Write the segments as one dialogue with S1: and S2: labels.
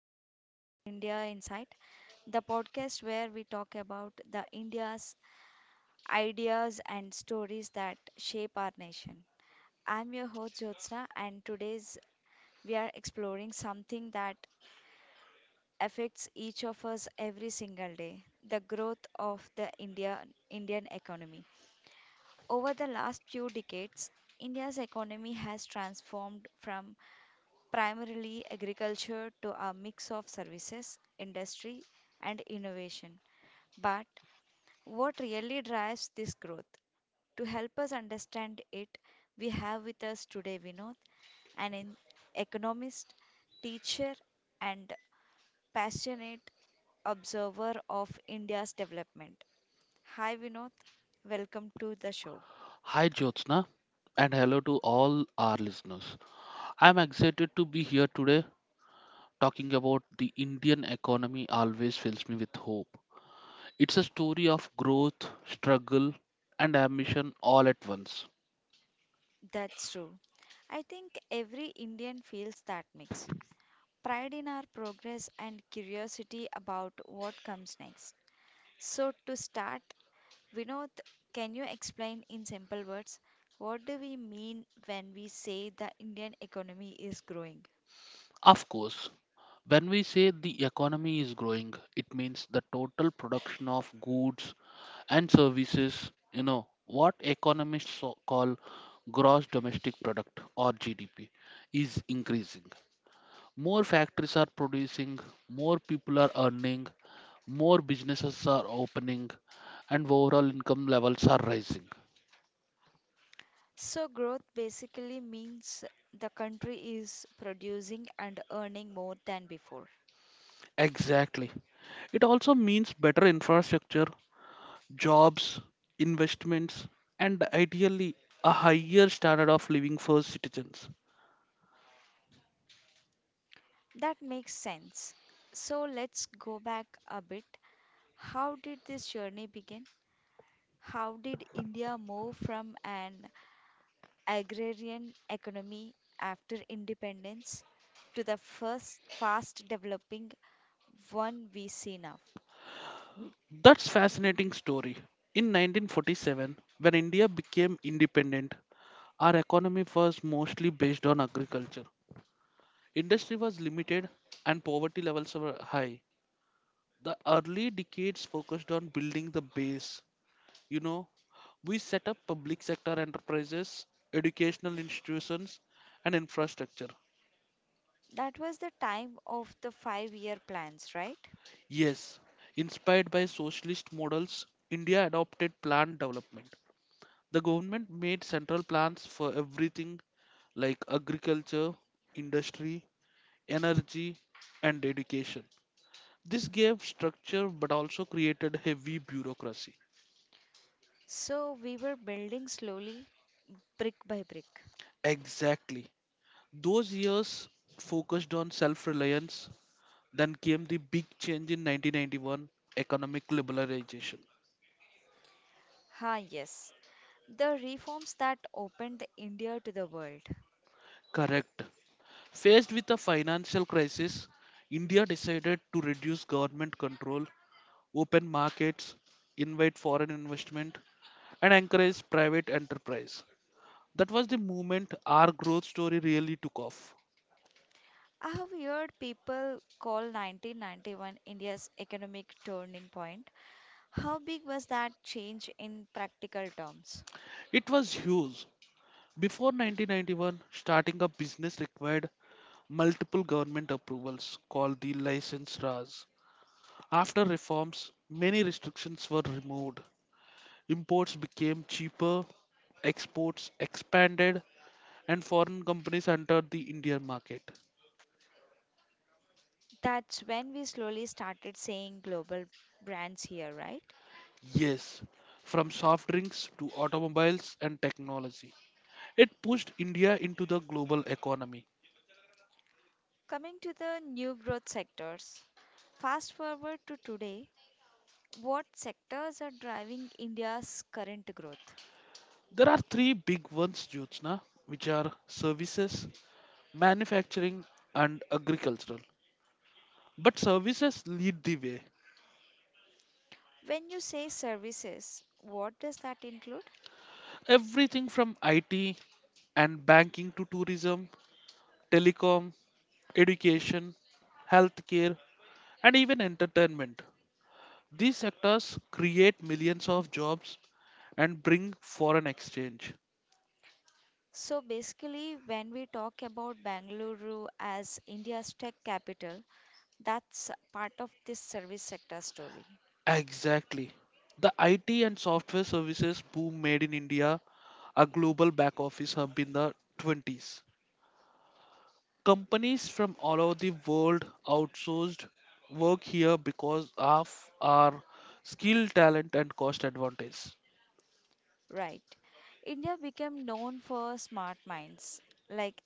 S1: welcome to the India Insight, the podcast where we talk about the India's ideas and stories that shape our nation. I'm your host Jyotsna, and today's we are exploring something that affects each of us every single day: the growth of the Indian economy. Over the last few decades, India's economy has transformed from primarily agriculture to a mix of services, industry, and innovation. But what really drives this growth? To help us understand it, we have with us today Vinod, an en- economist, teacher, and passionate observer of India's development. Hi, Vinod. Welcome to the show.
S2: Hi Jyotsna, and hello to all our listeners. I'm excited to be here today. Talking about the Indian economy always fills me with hope. It's a story of growth, struggle, and ambition all at once.
S1: That's true. I think every Indian feels that mix, pride in our progress, and curiosity about what comes next. So, to start, Vinod, can you explain in simple words what do we mean when we say the Indian economy is growing?
S2: Of course, when we say the economy is growing, it means the total production of goods and services, what economists call gross domestic product or GDP is increasing. More factories are producing, more people are earning, more businesses are opening, and overall income levels are rising.
S1: So, growth basically means the country is producing and earning more than before.
S2: Exactly. It also means better infrastructure, jobs, investments, and ideally a higher standard of living for citizens.
S1: That makes sense. So, let's go back a bit. How did this journey begin? How did India move from an agrarian economy after independence to the first fast developing one we see now?
S2: That's fascinating story. In 1947, when India became independent, our economy was mostly based on agriculture. Industry was limited and poverty levels were high. The early decades focused on building the base. You know, we set up public sector enterprises, educational institutions, and infrastructure.
S1: That was the time of the 5-year plans, right?
S2: Yes, inspired by socialist models, India adopted planned development. The government made central plans for everything like agriculture, industry, energy, and education. This gave structure but also created heavy bureaucracy.
S1: So we were building slowly, brick by brick.
S2: Exactly. Those years focused on self reliance. Then came the big change in 1991, economic liberalization.
S1: Ah, yes, the reforms that opened India to the world.
S2: Correct. Faced with a financial crisis, India decided to reduce government control, open markets, invite foreign investment, and encourage private enterprise. That was the moment our growth story really took off.
S1: I have heard people call 1991 India's economic turning point. How big was that change in practical terms?
S2: It was huge. Before 1991, starting a business required multiple government approvals called the license Raj. After reforms, many restrictions were removed. Imports became cheaper, exports expanded, and foreign companies entered the Indian market.
S1: That's when we slowly started seeing global brands here, right?
S2: Yes, from soft drinks to automobiles and technology. It pushed India into the global economy.
S1: Coming to the new growth sectors, fast forward to today, what sectors are driving India's current growth?
S2: There are three big ones, Jyotsna, which are services, manufacturing, and agricultural. But services lead the way.
S1: When you say services, what does that include?
S2: Everything from IT and banking to tourism, telecom, education, healthcare, and even entertainment. These sectors create millions of jobs and bring foreign exchange.
S1: So basically, when we talk about Bangalore as India's tech capital, that's part of this service sector story,
S2: Exactly. The IT and software services boom made in India a global back office hub in the 20s. Companies from all over the world outsourced work here because of our skill, talent, and cost advantage.
S1: right? India became known for smart minds like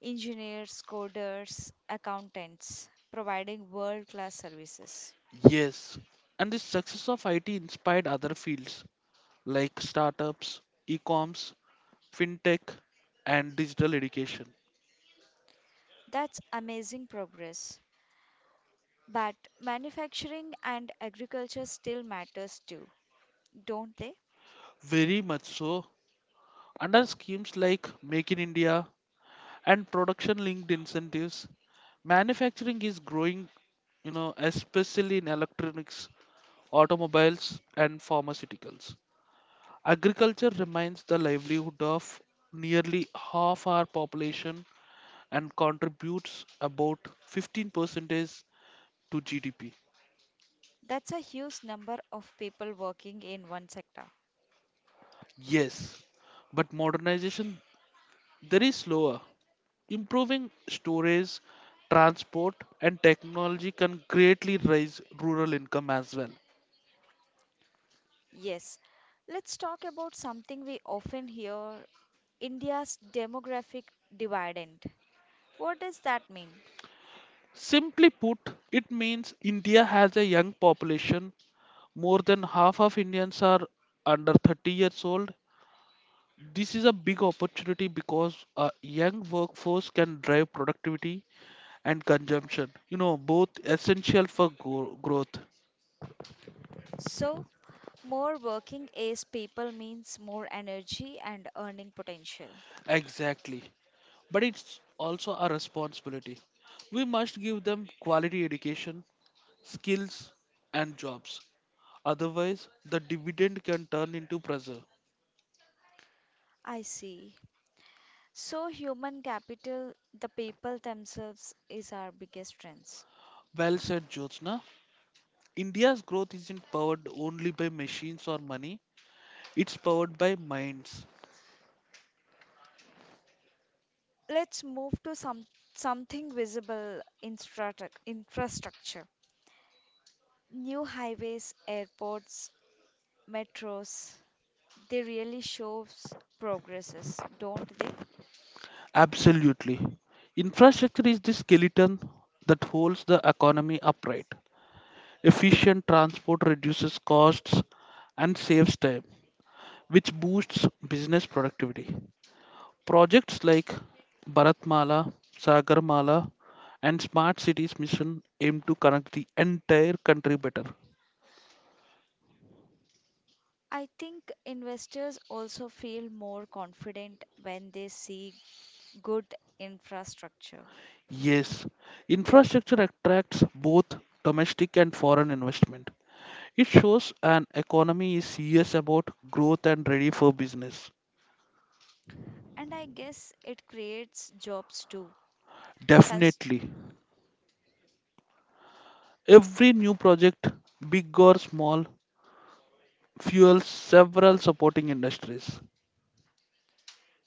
S1: engineers, coders, accountants, providing world class services.
S2: Yes, and the success of IT inspired other fields like startups, e-coms, fintech, and digital education.
S1: That's amazing progress. But manufacturing and agriculture still matters too, don't they?
S2: Very much so. Under schemes like Make in India and production linked incentives, manufacturing is growing, especially in electronics, automobiles, and pharmaceuticals. Agriculture remains the livelihood of nearly half our population and contributes about 15% to GDP.
S1: That's a huge number of people working in one sector.
S2: Yes, but modernization there is slower. Improving storage, transport and technology can greatly raise rural income as well.
S1: Yes, let's talk about something we often hear, India's demographic dividend. What does that mean?
S2: Simply put, it means India has a young population. More than half of Indians are under 30 years old. This is a big opportunity because a young workforce can drive productivity and consumption, both essential for growth.
S1: So, more working age people means more energy and earning potential.
S2: Exactly. But it's also a responsibility. We must give them quality education, skills, and jobs. Otherwise, the dividend can turn into pressure.
S1: I see. So, human capital, the people themselves, is our biggest strength.
S2: Well said, Jyotsna. India's growth isn't powered only by machines or money, it's powered by minds.
S1: Let's move to something visible, infrastructure. New highways, airports, metros, they really shows progresses, don't they?
S2: Absolutely. Infrastructure is the skeleton that holds the economy upright. Efficient transport reduces costs and saves time, which boosts business productivity. Projects like Bharatmala, Sagarmala, and Smart Cities Mission aim to connect the entire country better.
S1: I think investors also feel more confident when they see good infrastructure.
S2: Yes, infrastructure attracts both domestic and foreign investment. It shows an economy is serious about growth and ready for business.
S1: And I guess it creates jobs too. Cons-
S2: Definitely. Every new project, big or small, fuels several supporting industries.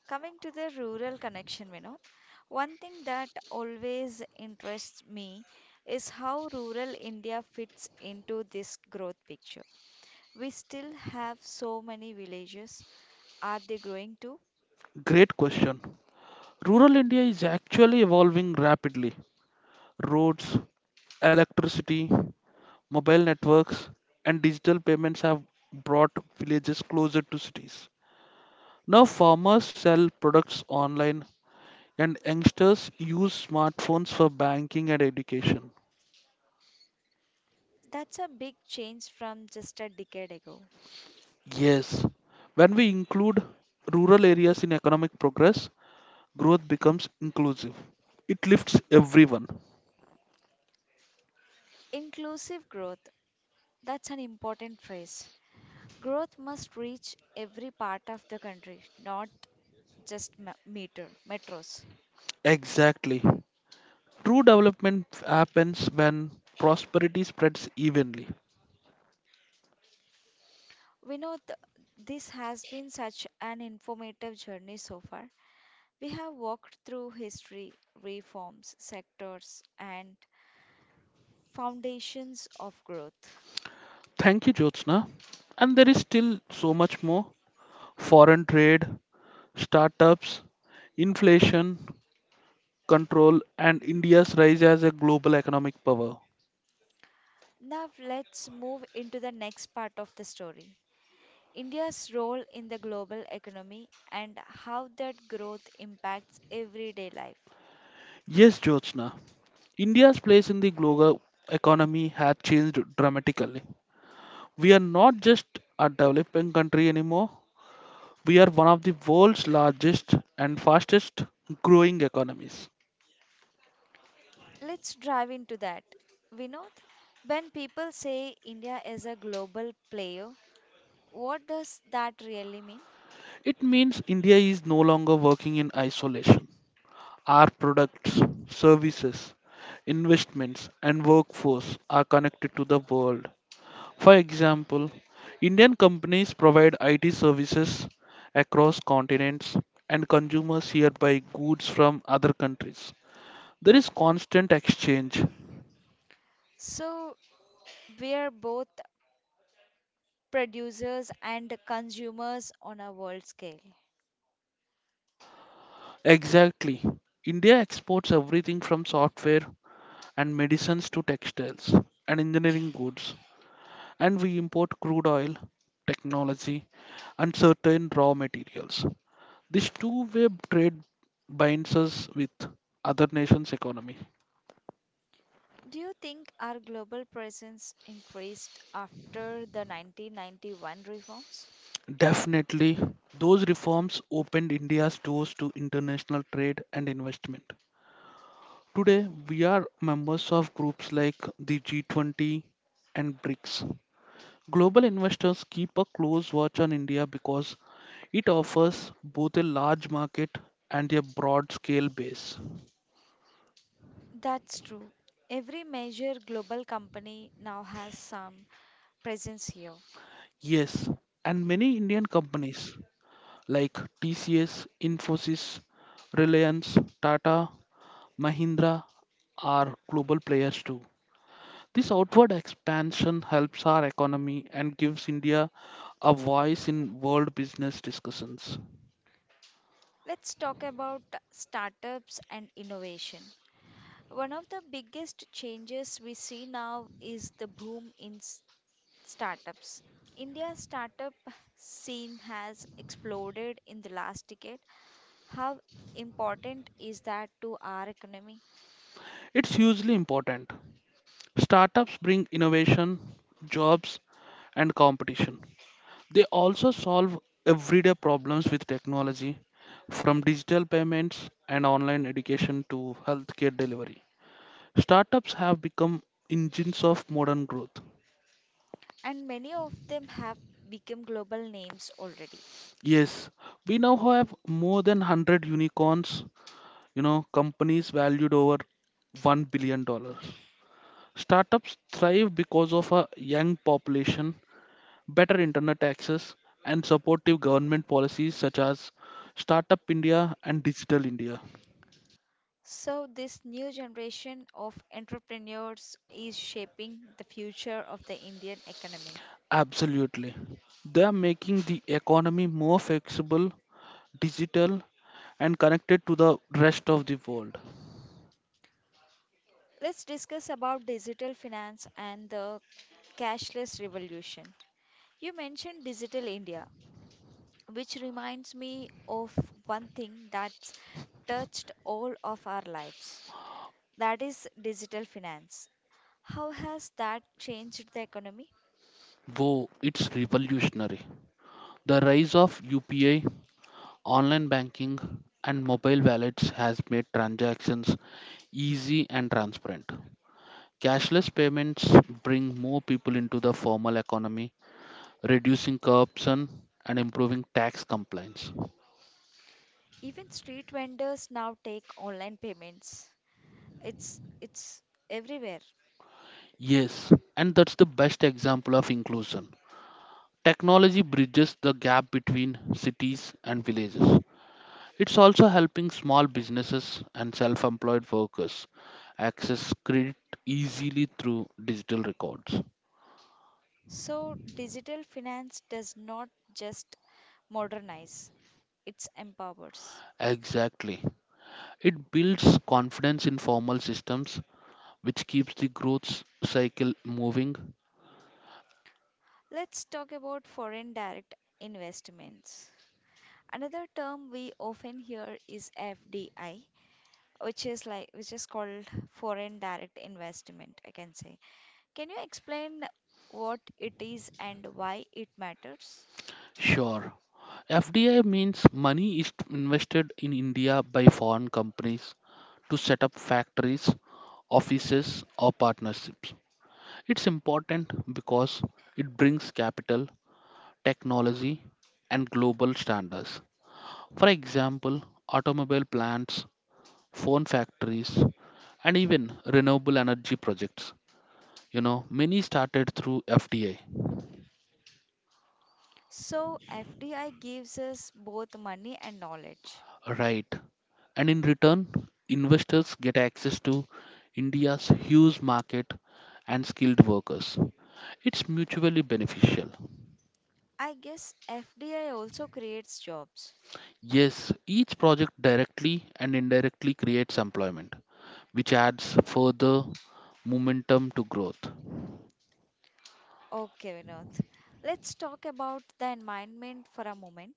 S1: Coming to the rural connection, Vinod, one thing that always interests me is how rural India fits into this growth picture. We still have so many villages. Are they growing too?
S2: Great question. Rural India is actually evolving rapidly. Roads, electricity, mobile networks, and digital payments have brought villages closer to cities. Now, farmers sell products online, and youngsters use smartphones for banking and education.
S1: That's a big change from just a decade ago.
S2: Yes, when we include rural areas in economic progress, growth becomes inclusive. It lifts everyone.
S1: Inclusive growth, that's an important phrase. Growth must reach every part of the country, not just meter, metros.
S2: Exactly. True development happens when prosperity spreads evenly.
S1: Vinod, this has been such an informative journey so far. We have walked through history, reforms, sectors, and foundations of growth.
S2: Thank you, Jyotsna. And there is still so much more: foreign trade, startups, inflation, control, and India's rise as a global economic power.
S1: Now, let's move into the next part of the story, India's role in the global economy and how that growth impacts everyday life.
S2: Yes, Jyotsna, India's place in the global economy has changed dramatically. We are not just a developing country anymore. We are one of the world's largest and fastest growing economies.
S1: Let's dive into that. Vinod, when people say India is a global player, what does that really mean?
S2: It means India is no longer working in isolation. Our products, services, investments, and workforce are connected to the world. For example, Indian companies provide IT services across continents, and consumers hereby goods from other countries. There is constant exchange.
S1: So, we're both producers and consumers on a world scale.
S2: Exactly. India exports everything from software and medicines to textiles and engineering goods, and we import crude oil, technology, and certain raw materials. This two-way trade binds us with other nations' economy.
S1: Do you think our global presence increased after the 1991 reforms?
S2: Definitely, those reforms opened India's doors to international trade and investment. Today, we are members of groups like the G20 and BRICS. Global investors keep a close watch on India because it offers both a large market and a broad scale base.
S1: That's true. Every major global company now has some presence here.
S2: Yes, and many Indian companies like TCS, Infosys, Reliance, Tata, Mahindra are global players too. This outward expansion helps our economy and gives India a voice in world business discussions.
S1: Let's talk about startups and innovation. One of the biggest changes we see now is the boom in startups. India's startup scene has exploded in the last decade. How important is that to our economy?
S2: It's hugely important. Startups bring innovation, jobs, and competition. They also solve everyday problems with technology, from digital payments and online education to healthcare delivery. Startups have become engines of modern growth.
S1: And many of them have become global names already.
S2: Yes, we now have more than 100 unicorns, companies valued over $1 billion. Startups thrive because of a young population, better internet access, and supportive government policies such as Startup India and Digital India.
S1: So, this new generation of entrepreneurs is shaping the future of the Indian economy.
S2: Absolutely. They are making the economy more flexible, digital, and connected to the rest of the world.
S1: Let's discuss about digital finance and the cashless revolution. You mentioned Digital India, which reminds me of one thing that's touched all of our lives, that is digital finance. How has that changed the economy?
S2: Whoa, it's revolutionary. The rise of UPI, online banking, and mobile wallets has made transactions easy and transparent. Cashless payments bring more people into the formal economy, reducing corruption and improving tax compliance.
S1: Even street vendors now take online payments. It's everywhere.
S2: Yes, and that's the best example of inclusion. Technology bridges the gap between cities and villages. It's also helping small businesses and self employed workers access credit easily through digital records.
S1: So digital finance does not just modernize, it empowers.
S2: Exactly. It builds confidence in formal systems, which keeps the growth cycle moving.
S1: Let's talk about foreign direct investments. Another term we often hear is FDI, which is like which is called foreign direct investment, I can say. Can you explain what it is and why it matters?
S2: Sure. FDI means money is invested in India by foreign companies to set up factories, offices, or partnerships. It's important because it brings capital, technology, and global standards. For example, automobile plants, phone factories, and even renewable energy projects. Many started through FDI.
S1: So, FDI gives us both money and knowledge.
S2: Right. And in return, investors get access to India's huge market and skilled workers. It's mutually beneficial.
S1: I guess FDI also creates jobs.
S2: Yes, each project directly and indirectly creates employment, which adds further momentum to growth.
S1: Okay, Vinod. Let's talk about the environment for a moment.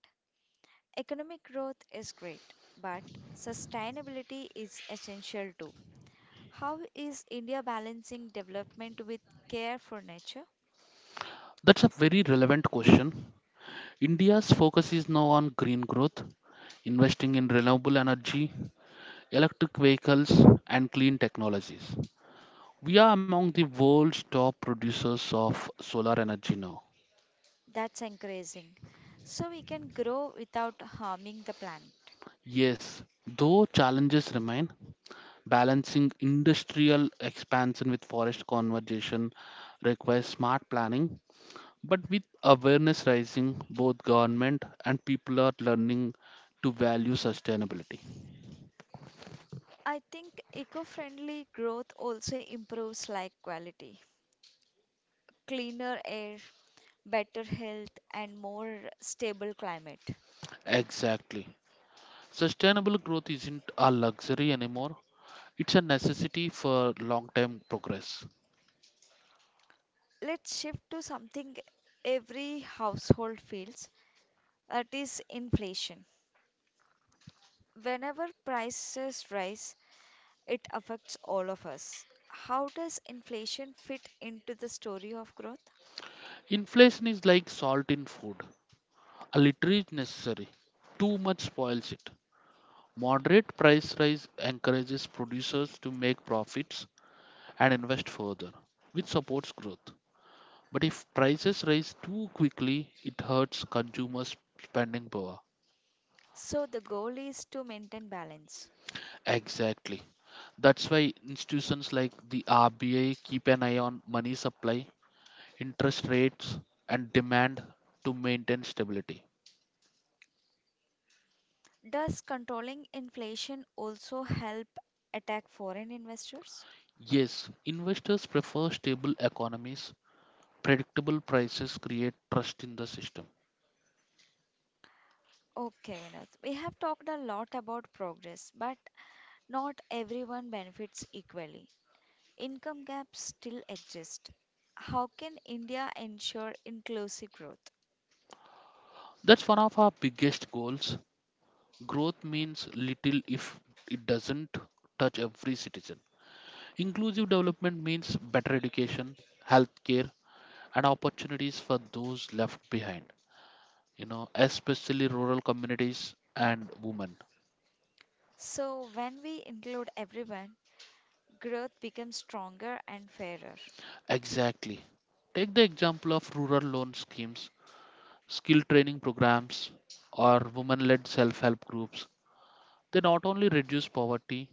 S1: Economic growth is great, but sustainability is essential too. How is India balancing development with care for nature?
S2: That's a very relevant question. India's focus is now on green growth, investing in renewable energy, electric vehicles, and clean technologies. We are among the world's top producers of solar energy now.
S1: That's encouraging. So we can grow without harming the planet.
S2: Yes, though challenges remain, balancing industrial expansion with forest conservation requires smart planning. But with awareness rising, both government and people are learning to value sustainability.
S1: I think eco friendly growth also improves life quality, cleaner air, better health, and more stable climate.
S2: Exactly. Sustainable growth isn't a luxury anymore. It's a necessity for long term progress.
S1: Let's shift to something every household feels, that is inflation. Whenever prices rise, it affects all of us. How does inflation fit into the story of growth?
S2: Inflation is like salt in food. A little is necessary. Too much spoils it. Moderate price rise encourages producers to make profits and invest further, which supports growth. But if prices rise too quickly, it hurts consumers' spending power.
S1: So, the goal is to maintain balance.
S2: Exactly. That's why institutions like the RBI keep an eye on money supply, interest rates, and demand to maintain stability.
S1: Does controlling inflation also help attack foreign investors?
S2: Yes, investors prefer stable economies, predictable prices create trust in the system.
S1: Okay, Vinod. We have talked a lot about progress, but not everyone benefits equally. Income gaps still exist. How can India ensure inclusive growth?
S2: That's one of our biggest goals. Growth means little if it doesn't touch every citizen. Inclusive development means better education, healthcare, and opportunities for those left behind, especially rural communities and women.
S1: So, when we include everyone, growth becomes stronger and fairer.
S2: Exactly. Take the example of rural loan schemes, skill training programs, or women led self help groups. They not only reduce poverty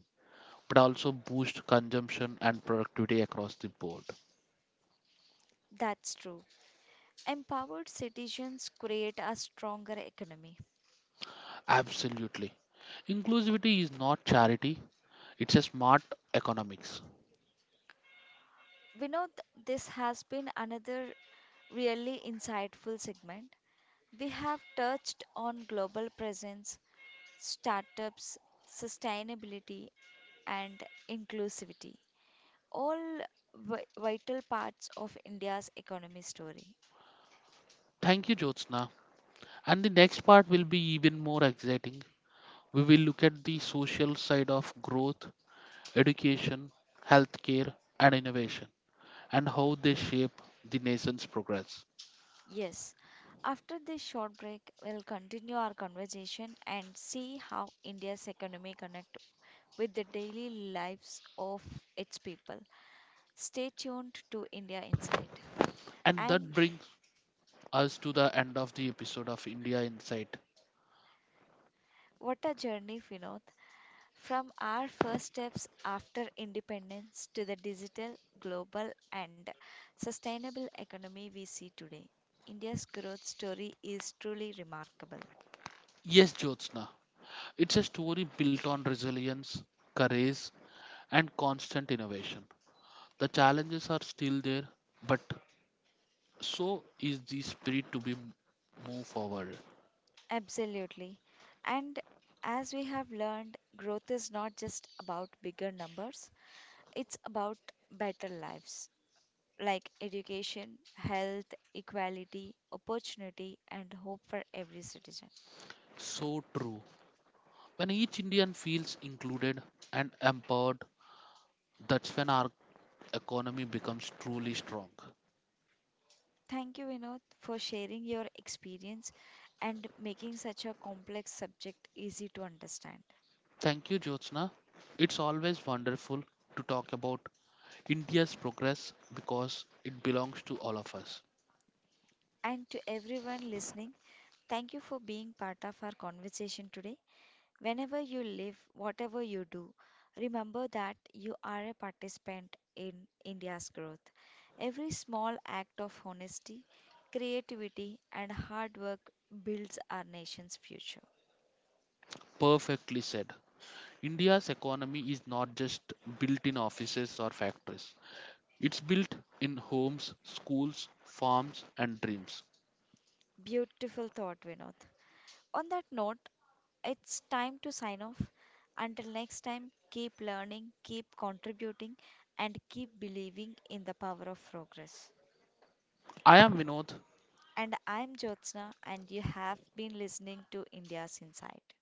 S2: but also boost consumption and productivity across the board.
S1: That's true. Empowered citizens create a stronger economy.
S2: Absolutely. Inclusivity is not charity, it's a smart economics.
S1: We know this has been another really insightful segment. We have touched on global presence, startups, sustainability, and inclusivity, all vital parts of India's economy story.
S2: Thank you, Jyotsna. And the next part will be even more exciting. We will look at the social side of growth, education, healthcare, and innovation, and how they shape the nation's progress.
S1: Yes, after this short break, we'll continue our conversation and see how India's economy connect with the daily lives of its people. Stay tuned to India Insight.
S2: And that
S1: And
S2: brings us to the end of the episode of India Insight.
S1: what a journey, Vinod. From our first steps after independence to the digital, global, and sustainable economy we see today, India's growth story is truly remarkable.
S2: Yes, Jyotsna, it's a story built on resilience, courage, and constant innovation. The challenges are still there, but so is the spirit to be move forward.
S1: Absolutely. And as we have learned, growth is not just about bigger numbers, it's about better lives like education, health, equality, opportunity, and hope for every citizen.
S2: So true. When each Indian feels included and empowered, that's when our economy becomes truly strong.
S1: Thank you, Vinod, for sharing your experience and making such a complex subject easy to understand.
S2: Thank you, Jyotsna. It's always wonderful to talk about India's progress because it belongs to all of us.
S1: And to everyone listening, thank you for being part of our conversation today. Whenever you live, whatever you do, remember that you are a participant in India's growth. Every small act of honesty, creativity, and hard work builds our nation's future.
S2: Perfectly said. India's economy is not just built in offices or factories. It's built in homes, schools, farms, and dreams.
S1: Beautiful thought, Vinod. On that note, it's time to sign off. Until next time, keep learning, keep contributing, and keep believing in the power of progress.
S2: I am Vinod,
S1: And I'm Jyotsna, and you have been listening to India's Insight.